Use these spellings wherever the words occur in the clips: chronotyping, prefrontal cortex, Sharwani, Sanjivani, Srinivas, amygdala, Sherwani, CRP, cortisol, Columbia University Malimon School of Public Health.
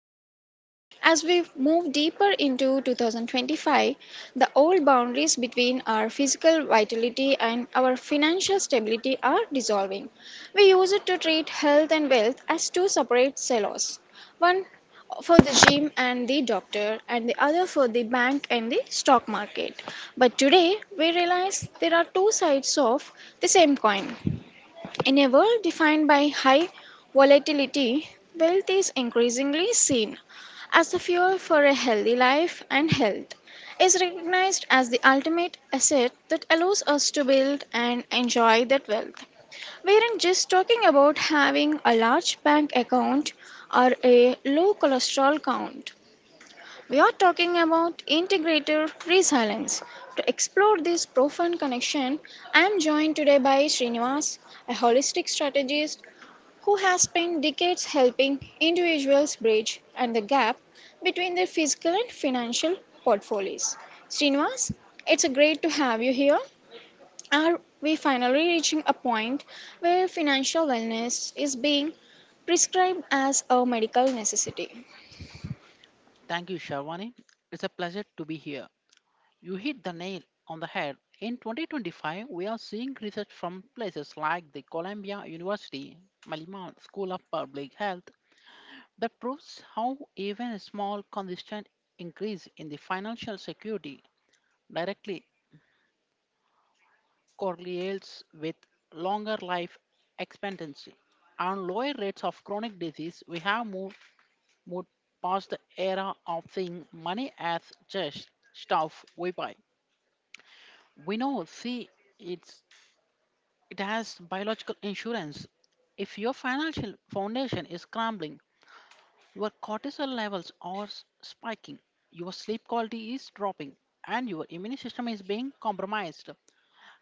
host Sherwani. As we move deeper into 2025, the old boundaries between our physical vitality and our financial stability are dissolving. We use it to treat health and wealth as two separate silos. One for the gym and the doctor and the other for the bank and the stock market. But today we realize there are two sides of the same coin. In a world defined by high volatility, wealth is increasingly seen as the fuel for a healthy life, and health is recognized as the ultimate asset that allows us to build and enjoy that wealth. We aren't just talking about having a large bank account or a low cholesterol count. We are talking about integrative resilience. To explore this profound connection, I am joined today by Srinivas, a holistic strategist who has spent decades helping individuals bridge and the gap between their physical and financial portfolios. Srinivas, it's a great to have you here. Are we finally reaching a point where financial wellness is being prescribed as a medical necessity? Thank you, Sharwani. It's a pleasure to be here. You hit the nail on the head. In 2025, we are seeing research from places like the Columbia University Malimon School of Public Health that proves how even a small consistent increase in the financial security directly correlates with longer life expectancy and lower rates of chronic disease. We have moved past the era of seeing money as just stuff we buy. We know see it's It has biological insurance. If your financial foundation is crumbling, your cortisol levels are spiking, your sleep quality is dropping, and your immune system is being compromised.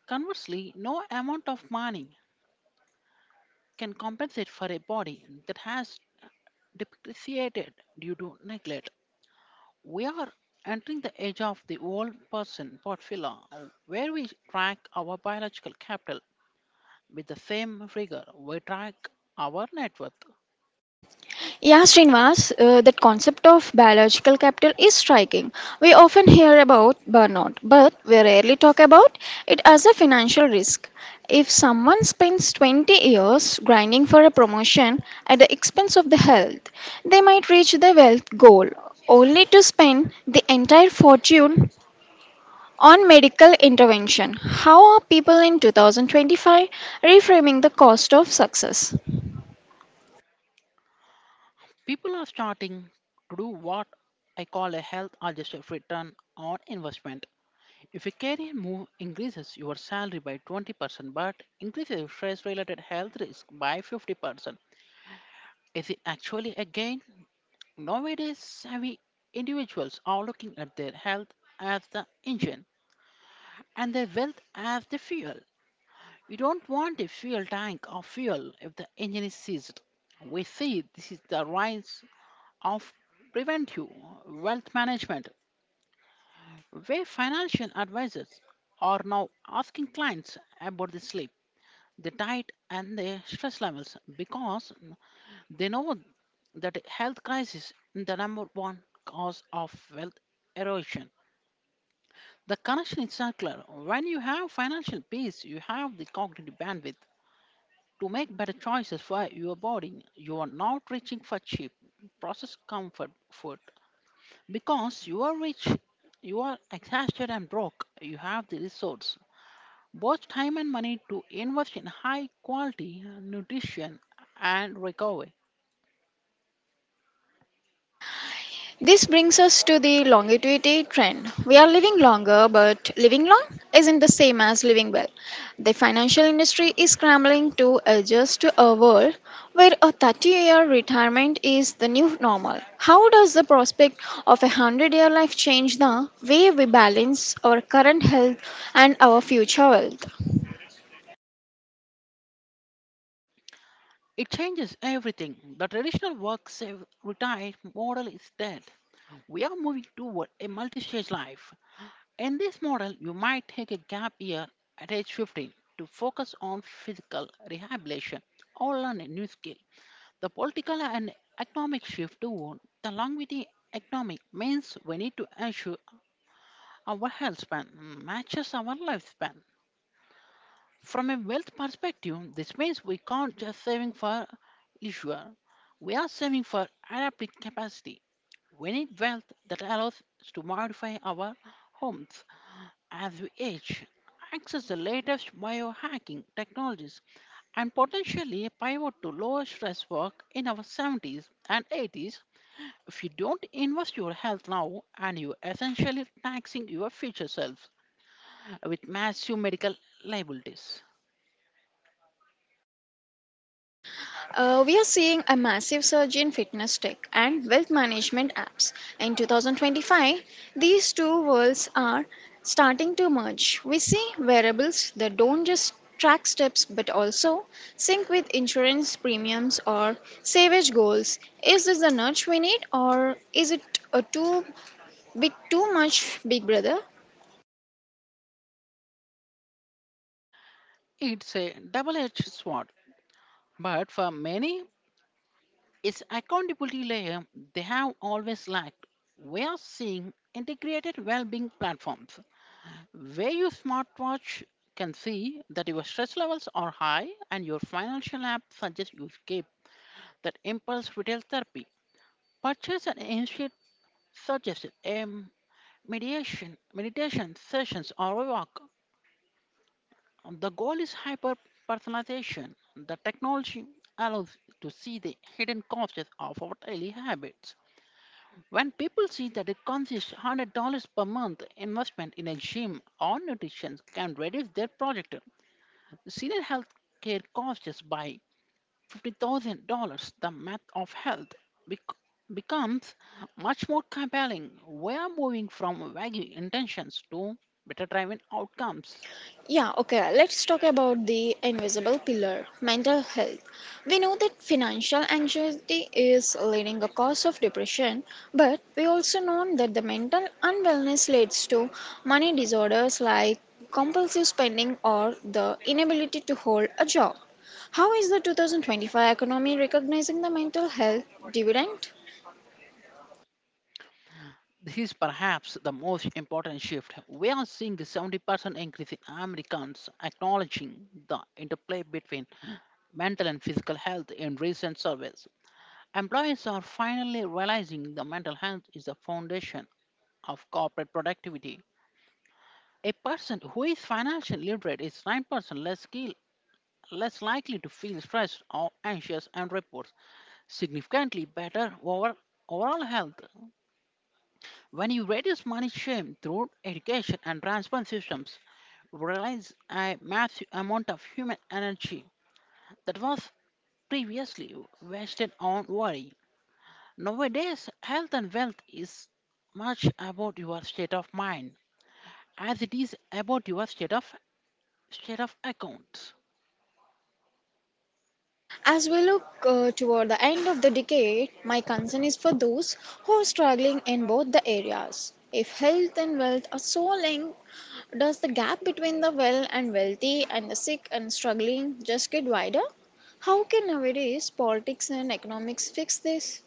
Conversely, no amount of money can compensate for a body that has depreciated due to neglect. We are entering the age of the old person portfolio, where we track our biological capital with the same rigor we track our net worth. Yeah, Srinivas, that concept of biological capital is striking. We often hear about burnout, but we rarely talk about it as a financial risk. If someone spends 20 years grinding for a promotion at the expense of the health, they might reach the wealth goal only to spend the entire fortune on medical intervention. How are people in 2025 reframing the cost of success? People are starting to do what I call a health adjusted return on investment. If a career move increases your salary by 20% but increases your stress related health risk by 50%, is it actually a gain? Nowadays, savvy individuals are looking at their health as the engine and their wealth as the fuel. We don't want a fuel tank of fuel if the engine is seized. We see this is the rise of preventive wealth management, where financial advisors are now asking clients about the sleep, the diet, and their stress levels because they know that a health crisis is the number one cause of wealth erosion. The connection is circular. When you have financial peace, you have the cognitive bandwidth to make better choices for your body. You are not reaching for cheap, processed comfort food because you are rich, you are exhausted and broke. You have the resource, both time and money, to invest in high quality nutrition and recovery. This brings us to the longevity trend. We are living longer, but living long isn't the same as living well. The financial industry is scrambling to adjust to a world where a 30-year retirement is the new normal. How does the prospect of a 100-year life change the way we balance our current health and our future wealth? It changes everything. The traditional work save retire model is dead. We are moving toward a multi-stage life. In this model, you might take a gap year at age 15 to focus on physical rehabilitation or learn a new skill. The political and economic shift toward the longevity economic means we need to ensure our health span matches our lifespan. From a wealth perspective, this means we can't just saving for leisure. We are saving for adaptive capacity. We need wealth that allows us to modify our homes as we age, access the latest biohacking technologies, and potentially pivot to lower stress work in our 70s and 80s. If you don't invest your health now and you're essentially taxing your future self with massive medical liabilities. We are seeing a massive surge in fitness tech and wealth management apps. In 2025, these two worlds are starting to merge. We see wearables that don't just track steps but also sync with insurance premiums or savage goals. Is this the nudge we need, or is it a too bit too much, Big Brother? It's a double-edged sword, but for many, its accountability layer they have always lacked. We are seeing integrated well-being platforms where your smartwatch can see that your stress levels are high and your financial app suggests you skip that impulse retail therapy. Purchase and instead suggest a meditation sessions or a walk. The goal is hyper personalization. The technology allows to see the hidden costs of our daily habits. When people see that it consists $100 per month investment in a gym or nutrition can reduce their project. The senior health care costs just by $50,000. The math of health bec- becomes much more compelling. We are moving from vague intentions to better driven outcomes. Yeah, okay, let's talk about the invisible pillar mental health. We know that financial anxiety is leading a cause of depression, but we also know that the mental unwellness leads to money disorders like compulsive spending or the inability to hold a job. How is the 2025 economy recognizing the mental health dividend? This is perhaps the most important shift. We are seeing a 70% increase in Americans acknowledging the interplay between mental and physical health in recent surveys. Employees are finally realizing the mental health is the foundation of corporate productivity. A person who is financially literate is 9% less likely to feel stressed or anxious and reports significantly better overall health. When you reduce money shame through education and transport systems, realize a massive amount of human energy that was previously wasted on worry. Nowadays, health and wealth is much about your state of mind as it is about your state of account. As we look toward the end of the decade, my concern is for those who are struggling in both the areas. If health and wealth are so linked, does the gap between the well and wealthy and the sick and struggling just get wider? How can nowadays politics and economics fix this?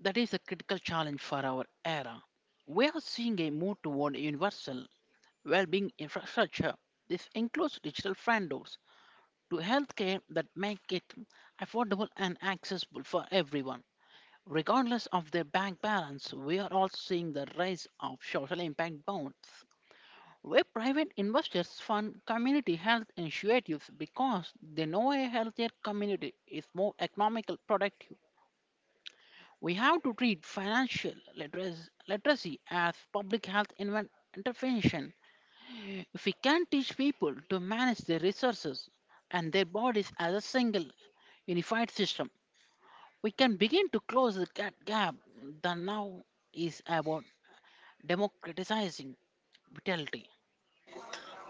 That is a critical challenge for our era. We are seeing a move toward universal well-being infrastructure. This includes digital front doors to healthcare that make it affordable and accessible for everyone, regardless of their bank balance. We are also seeing the rise of social impact bonds, where private investors fund community health initiatives because they know a healthier community is more economical, productive. We have to treat financial literacy as public health intervention. If we can teach people to manage their resources and their bodies as a single unified system, we can begin to close the gap that now is about democratizing vitality.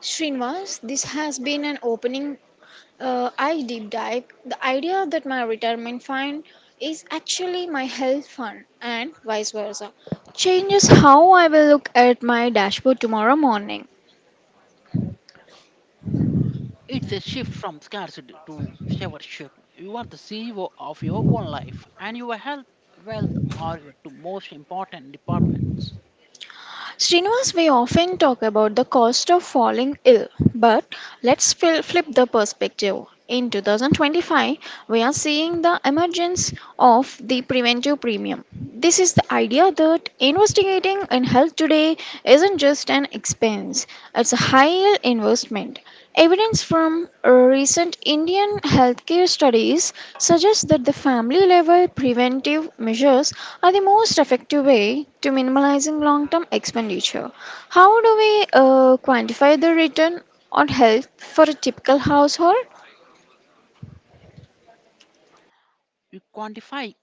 Srinivas, this has been an opening I deep dive. The idea that my retirement fund is actually my health fund and vice versa changes how I will look at my dashboard tomorrow morning. It's a shift from scarcity to stewardship. You are the CEO of your own life, and your health, wealth are your two most important departments. Srinivas, we often talk about the cost of falling ill, but let's flip the perspective. In 2025, we are seeing the emergence of the preventive premium. This is the idea that investigating in health today isn't just an expense, it's a high investment. Evidence from recent Indian healthcare studies suggests that the family level preventive measures are the most effective way to minimizing long term expenditure. How do we quantify the return on health for a typical household? We quantify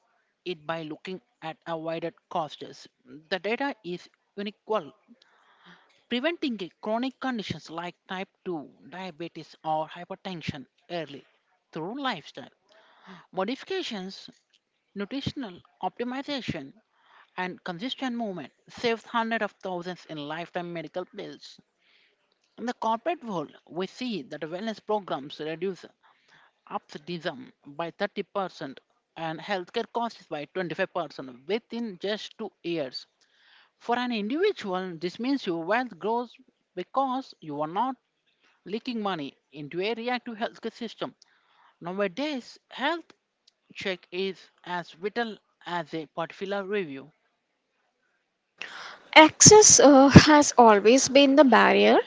it by looking at avoided costs. The data is unequal. Preventing a chronic conditions like type 2 diabetes or hypertension early through lifestyle modifications, nutritional optimization, and consistent movement saves hundreds of thousands in lifetime medical bills. In the corporate world, we see that wellness programs reduce absenteeism by 30% and healthcare costs by 25% within just 2 years. For an individual, this means your wealth grows because you are not leaking money into a reactive healthcare system. Nowadays, health check is as vital as a particular review. Access has always been the barrier,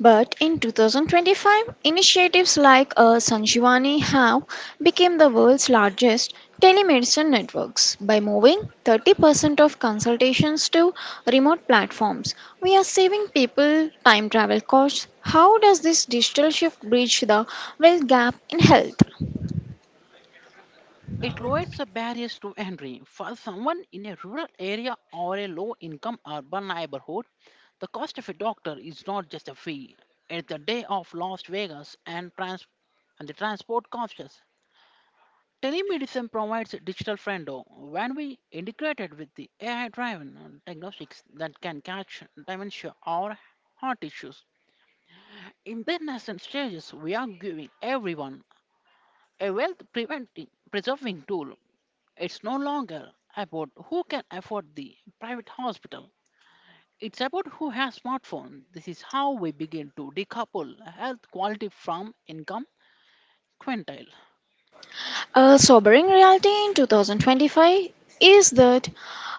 but in 2025, initiatives like Sanjivani have become the world's largest telemedicine networks. By moving 30% of consultations to remote platforms, we are saving people time travel costs. How does this digital shift bridge the wealth gap in health? It lowers the barriers to entry. For someone in a rural area or a low income urban neighborhood, the cost of a doctor is not just a fee. It's the day of Las Vegas and, and the transport costs. Telemedicine provides a digital window. When we integrated with the AI driven diagnostics that can catch dementia or heart issues, in their nascent stages, we are giving everyone a wealth preventing preserving tool. It's no longer about who can afford the private hospital. It's about who has smartphone. This is how we begin to decouple health quality from income quintile. A sobering reality in 2025 is that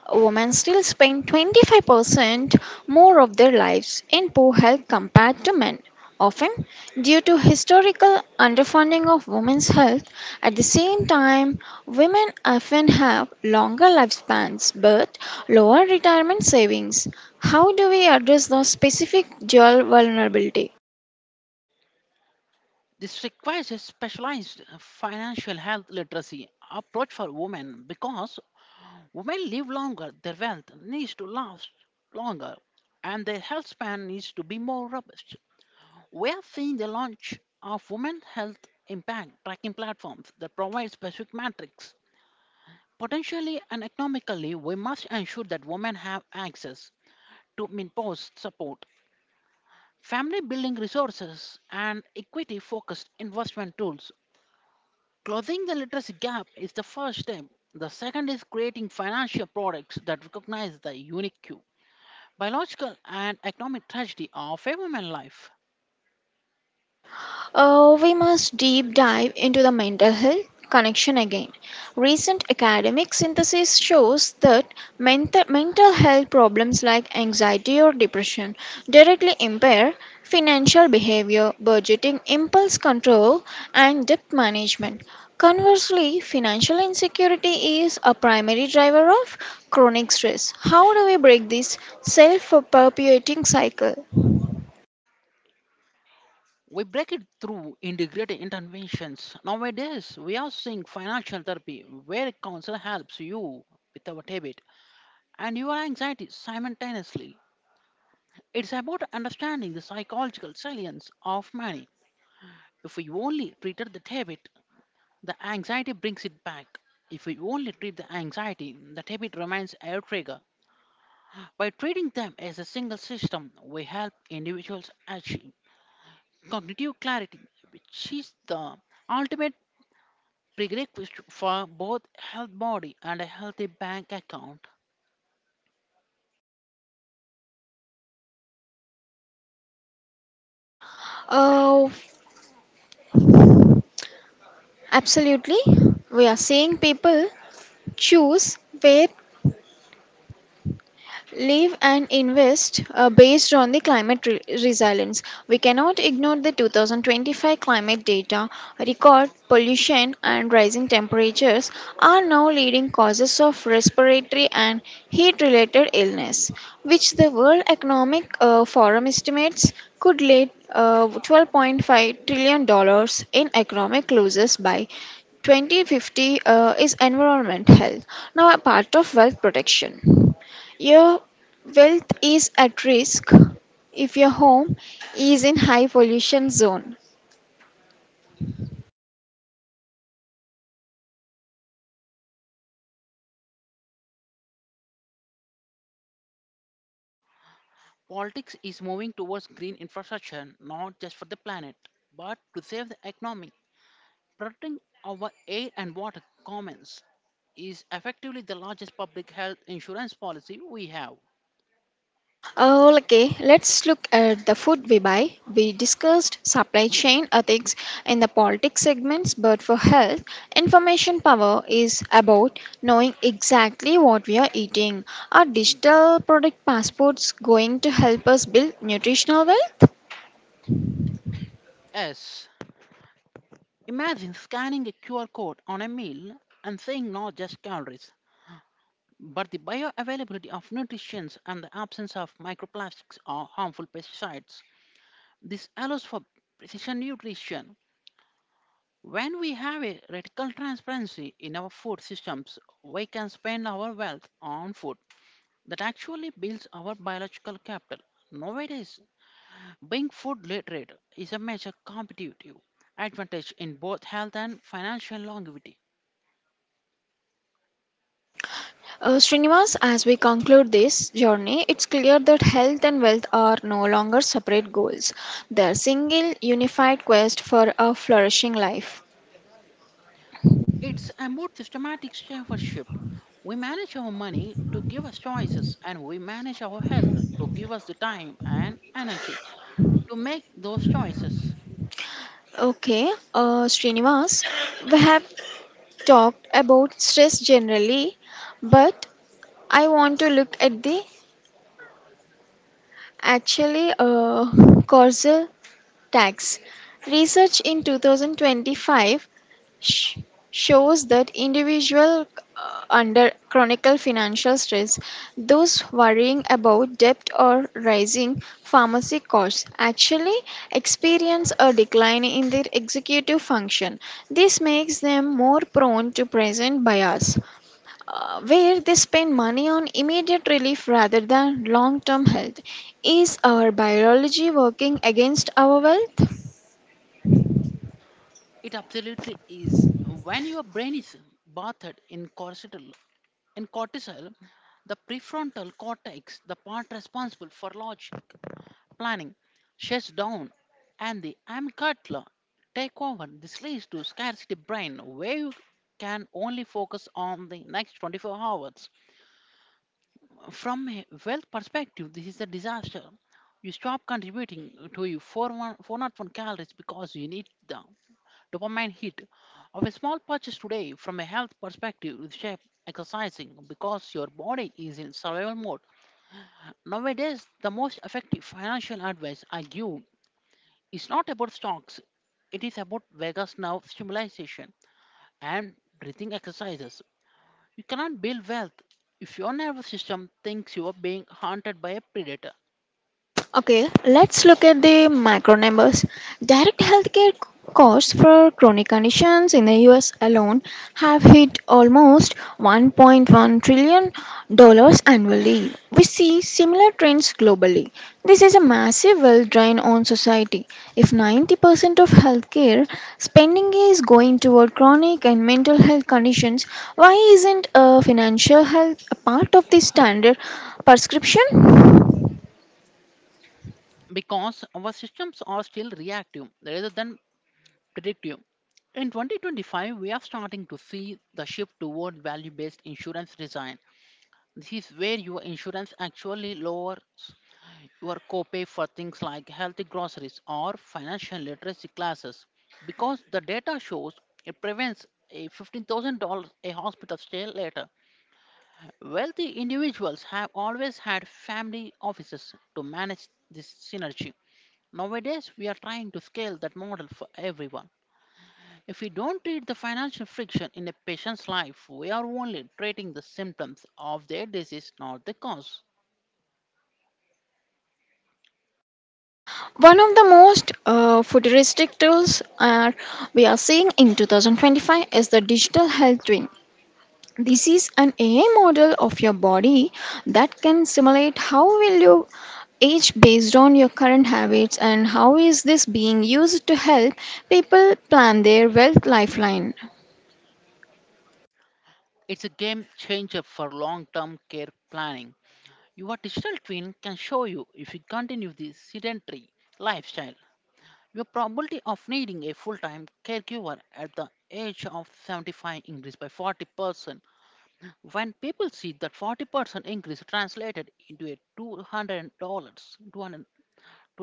women still spend 25% more of their lives in poor health compared to men, often due to historical underfunding of women's health. At the same time, women often have longer lifespans but lower retirement savings. How do we address those specific dual vulnerabilities? This requires a specialized financial health literacy approach for women because women live longer, their wealth needs to last longer, and their health span needs to be more robust. We are seeing the launch of women health impact tracking platforms that provide specific metrics. Potentially and economically, we must ensure that women have access to menopause support, family building resources, and equity focused investment tools. Closing the literacy gap is the first step. The second is creating financial products that recognize the unique biological and economic tragedy of a woman's life. We must deep dive into the mental health connection again. Recent academic synthesis shows that mental health problems like anxiety or depression directly impair financial behavior, budgeting, impulse control, and debt management. Conversely, financial insecurity is a primary driver of chronic stress. How do we break this self perpetuating cycle? We break it through integrated interventions. Nowadays, we are seeing financial therapy where a counselor helps you with our debit and your anxiety simultaneously. It's about understanding the psychological salience of money. If we only treated the debit, the anxiety brings it back. If we only treat the anxiety, the debit remains a trigger. By treating them as a single system, we help individuals achieve cognitive clarity, which is the ultimate prerequisite for both health body and a healthy bank account. Uh, Absolutely. We are seeing people choose where live and invest based on the climate resilience. We cannot ignore the 2025 climate data. Record pollution and rising temperatures are now leading causes of respiratory and heat related illness, which the World Economic Forum estimates could lead 12.5 trillion dollars in economic losses by 2050. Uh, is environment health, now a part of wealth protection. Your Wealth is at risk if your home is in high pollution zone. Politics is moving towards green infrastructure not just for the planet, but to save the economy. Protecting our air and water commons is effectively the largest public health insurance policy we have. Oh, okay, let's look at the food we buy. We discussed supply chain ethics in the politics segments, but for health, information power is about knowing exactly what we are eating. Are digital product passports going to help us build nutritional wealth? S. Imagine scanning a QR code on a meal and seeing not just calories, but the bioavailability of nutrients and the absence of microplastics or harmful pesticides. This allows for precision nutrition. When we have a radical transparency in our food systems, we can spend our wealth on food that actually builds our biological capital. Nowadays, being food literate is a major competitive advantage in both health and financial longevity. Srinivas, as we conclude this journey, it's clear that health and wealth are no longer separate goals. They're single, unified quest for a flourishing life. It's about systematic stewardship. We manage our money to give us choices, and we manage our health to give us the time and energy to make those choices. Okay, Srinivas, we have talked about stress generally, but I want to look at the actually causal tags. Research in 2025 sh- shows that individual under chronic financial stress, those worrying about debt or rising pharmacy costs, actually experience a decline in their executive function. This makes them more prone to present bias, where they spend money on immediate relief rather than long term health. Is our biology working against our wealth? It absolutely is. When your brain is bathed in cortisol, the prefrontal cortex, the part responsible for large planning, shuts down, and the amygdala take over. This leads to scarcity brain, where you can only focus on the next 24 hours. From a wealth perspective, this is a disaster. You stop contributing to your 401 calories because you need them dopamine hit of a small purchase today from a health perspective with shape exercising because your body is in survival mode. Nowadays, the most effective financial advice I give is not about stocks, it is about Vegas now stimulation and breathing exercises. You cannot build wealth if your nervous system thinks you are being hunted by a predator Okay, let's look at the macro numbers. Direct healthcare costs for chronic conditions in the US alone have hit almost 1.1 trillion dollars annually. We see similar trends globally. This is a massive wealth drain on society. If 90% of healthcare spending is going toward chronic and mental health conditions, why isn't financial health a part of the standard prescription? because our systems are still reactive rather than predictive. In 2025, we are starting to see the shift toward value based insurance design. This is where your insurance actually lowers your copay for things like healthy groceries or financial literacy classes because the data shows it prevents a $15,000 a hospital stay later. Wealthy individuals have always had family offices to manage this synergy. Nowadays, we are trying to scale that model for everyone. If we don't treat the financial friction in a patient's life, we are only treating the symptoms of their disease, not the cause. One of the most futuristic tools we are seeing in 2025 is the digital health twin. This is an AI model of your body that can simulate how will you age based on your current habits and how is this being used to help people plan their wealth lifeline. It's a game changer for long term care planning. Your digital twin can show you if you continue this sedentary lifestyle, your probability of needing a full time caregiver at the age of 75 increased by 40%. When people see that 40% increase translated into a $200, to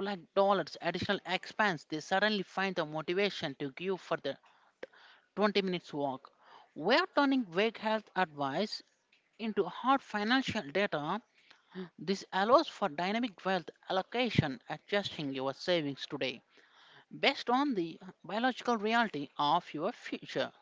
like dollars additional expense, they suddenly find the motivation to give for the 20 minutes walk. We are turning vague health advice into hard financial data. This allows for dynamic wealth allocation, adjusting your savings today based on the biological reality of your future.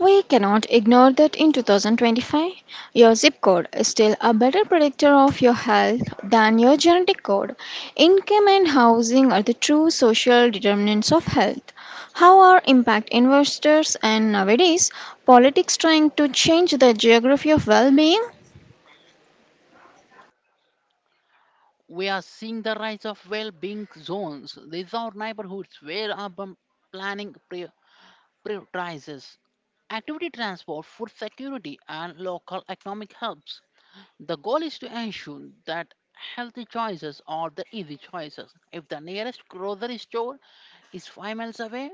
We cannot ignore that in 2025, your zip code is still a better predictor of your health than your genetic code. Income and housing are the true social determinants of health. How are impact investors and nowadays politics trying to change the geography of well being? We are seeing the rise of well-being zones. These are neighborhoods where urban planning prioritizes activity, transport, food security, and local economic help. The goal is to ensure that healthy choices are the easy choices. If the nearest grocery store is 5 miles away,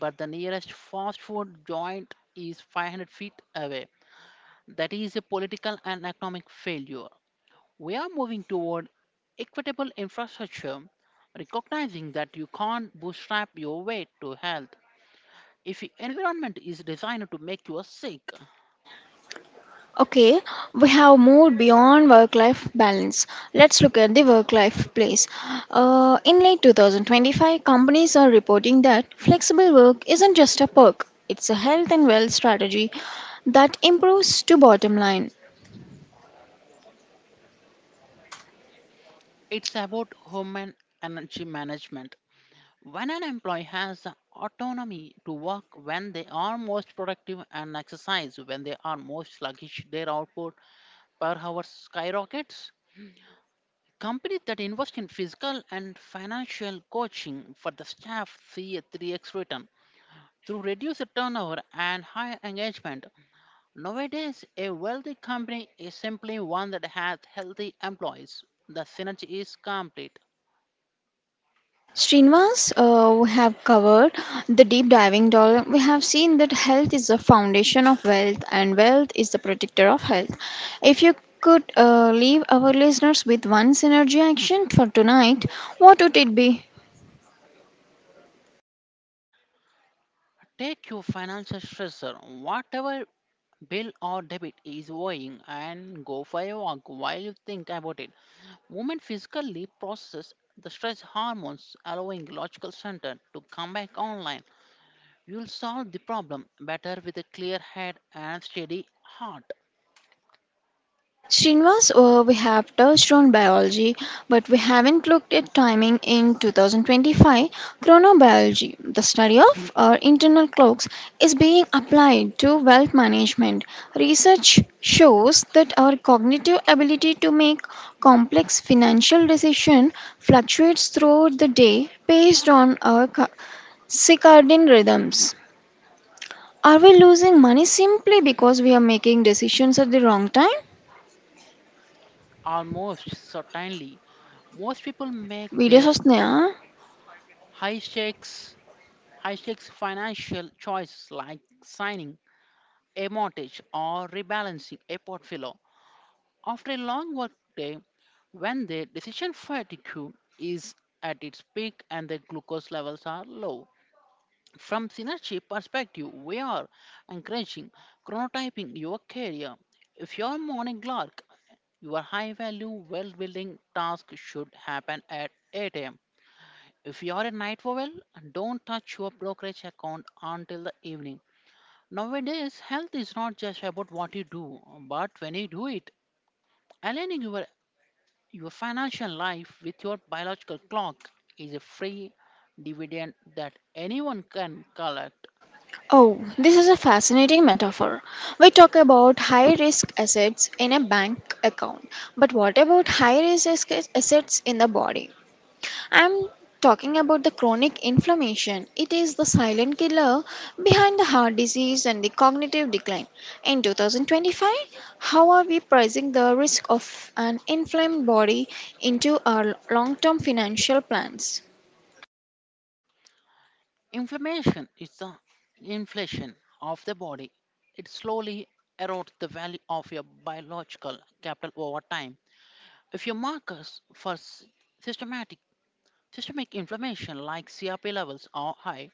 but the nearest fast food joint is 500 feet away, that is a political and economic failure. We are moving toward equitable infrastructure, recognizing that you can't bootstrap your way to health. If your environment is designed to make you sick, Okay, we have moved beyond work life balance. Let's look at the work life place. In late 2025, companies are reporting that flexible work isn't just a perk, it's a health and wealth strategy that improves to bottom line. it's about human energy management. When an employee has the autonomy to work when they are most productive and exercise when they are most sluggish, their output per hour skyrockets. Companies that invest in physical and financial coaching for the staff see a 3x return through reduced turnover and higher engagement. Nowadays, a wealthy company is simply one that has healthy employees. The synergy is complete. Srinivas, we have covered the deep diving dollar. We have seen that health is the foundation of wealth and wealth is the protector of health. If you could leave our listeners with one synergy action for tonight, what would it be? Take your financial stressor, whatever bill or debit is weighing, and go for a walk while you think about it. Movement physically processes the stress hormones, allowing logical center to come back online. You'll solve the problem better with a clear head and steady heart. Srinivas, we have touched on biology, but we haven't looked at timing in 2025. Chronobiology, the study of our internal clocks, is being applied to wealth management. Research shows that our cognitive ability to make complex financial decisions fluctuates throughout the day based on our circadian rhythms. Are we losing money simply because we are making decisions at the wrong time? Almost certainly, most people make Video their Sosnaya. high stakes, high stakes financial choices, like signing a mortgage or rebalancing a portfolio, after a long workday, when the decision fatigue is at its peak and the glucose levels are low. From synergy perspective, we are encouraging chronotyping your career. If you're a morning lark, your high value wealth building task should happen at 8 am. If you're a night owl, don't touch your brokerage account until the evening. Nowadays, health is not just about what you do, but when you do it. Aligning your financial life with your biological clock is a free dividend that anyone can collect. Oh, this is a fascinating metaphor. We talk about high risk assets in a bank account, but what about high risk assets in the body? I'm talking about the chronic inflammation. It is the silent killer behind the heart disease and the cognitive decline. In 2025, how are we pricing the risk of an inflamed body into our long term financial plans? Inflammation is the inflation of the body. It slowly erodes the value of your biological capital over time. If your markers for s- systematic systemic inflammation like CRP levels are high,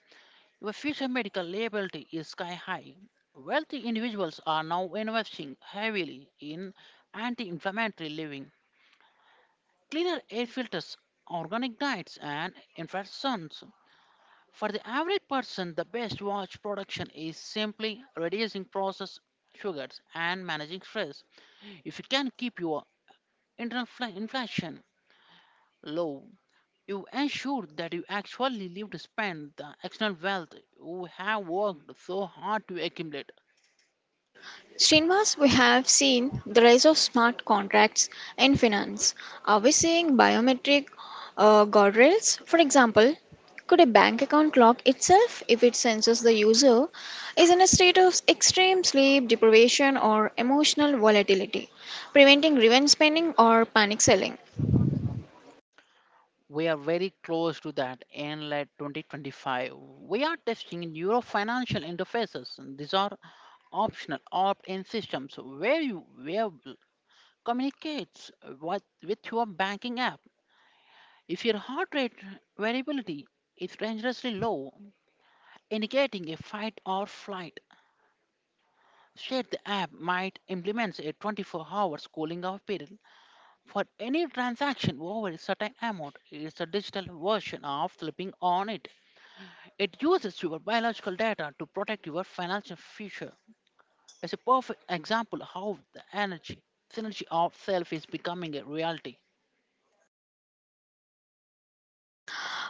your future medical liability is sky high. Wealthy individuals are now investing heavily in anti inflammatory living, cleaner air filters, organic diets, and infrared suns. For the average person, the best watch production is simply reducing processed sugars and managing stress. If you can keep your internal inflation low, you ensure that you actually live to spend the external wealth you have worked so hard to accumulate. Srinivas, we have seen the rise of smart contracts in finance. Are we seeing biometric guardrails? For example, could a bank account lock itself if it senses the user is in a state of extreme sleep deprivation or emotional volatility, preventing revenge spending or panic selling? We are very close to that in late 2025. We are testing Euro financial interfaces. These are optional opt-in systems where communicates with your banking app. If your heart rate variability is dangerously low, indicating a fight or flight state, the app might implement a 24-hour cooling off period for any transaction over a certain amount. It's a digital version of flipping on it. It uses your biological data to protect your financial future. It's a perfect example of how the energy synergy of self is becoming a reality.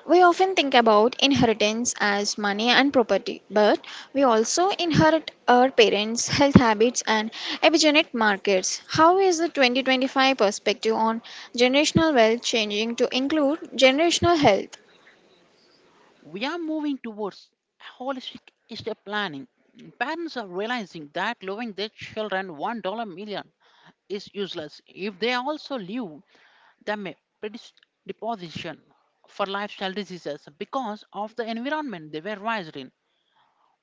We often think about inheritance as money and property, but we also inherit our parents' health habits and epigenetic markers. How is the 2025 perspective on generational wealth changing to include generational health? We are moving towards holistic estate planning. Parents are realizing that loving their children $1 million is useless if they also leave them a predisposition for lifestyle diseases because of the environment they were raised in.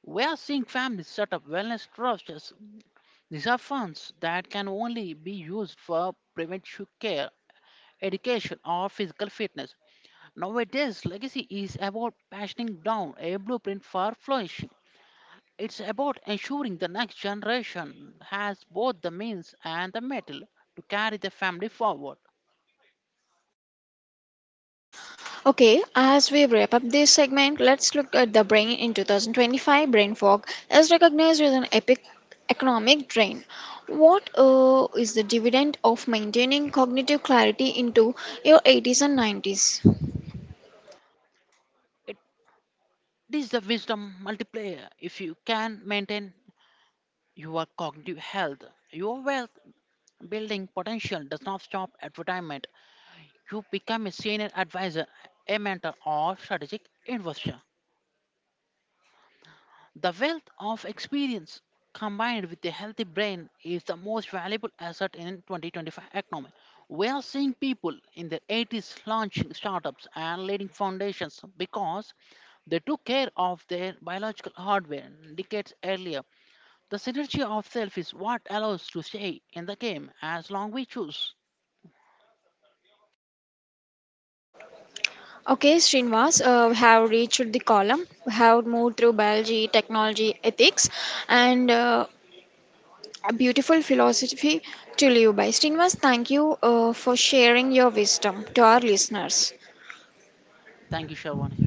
We are seeing families set up wellness trusts. These are funds that can only be used for preventive care, education, or physical fitness. Nowadays, legacy is about passing down a blueprint for flourishing. It's about ensuring the next generation has both the means and the metal to carry the family forward. Okay, as we wrap up this segment, let's look at the brain in 2025. Brain fog is recognized as an epic economic drain. What is the dividend of maintaining cognitive clarity into your 80s and 90s? It is the wisdom multiplier. If you can maintain your cognitive health, your wealth building potential does not stop at retirement. You become a senior advisor, a mentor, or strategic investor. The wealth of experience combined with a healthy brain is the most valuable asset in 2025 economy. We are seeing people in their 80s launching startups and leading foundations because they took care of their biological hardware decades earlier. The synergy of self is what allows to stay in the game as long we choose. Okay, Srinivas, we have reached the column. We have moved through biology, technology, ethics, and a beautiful philosophy to live by. Srinivas, thank you for sharing your wisdom to our listeners. Thank you, Sharwan.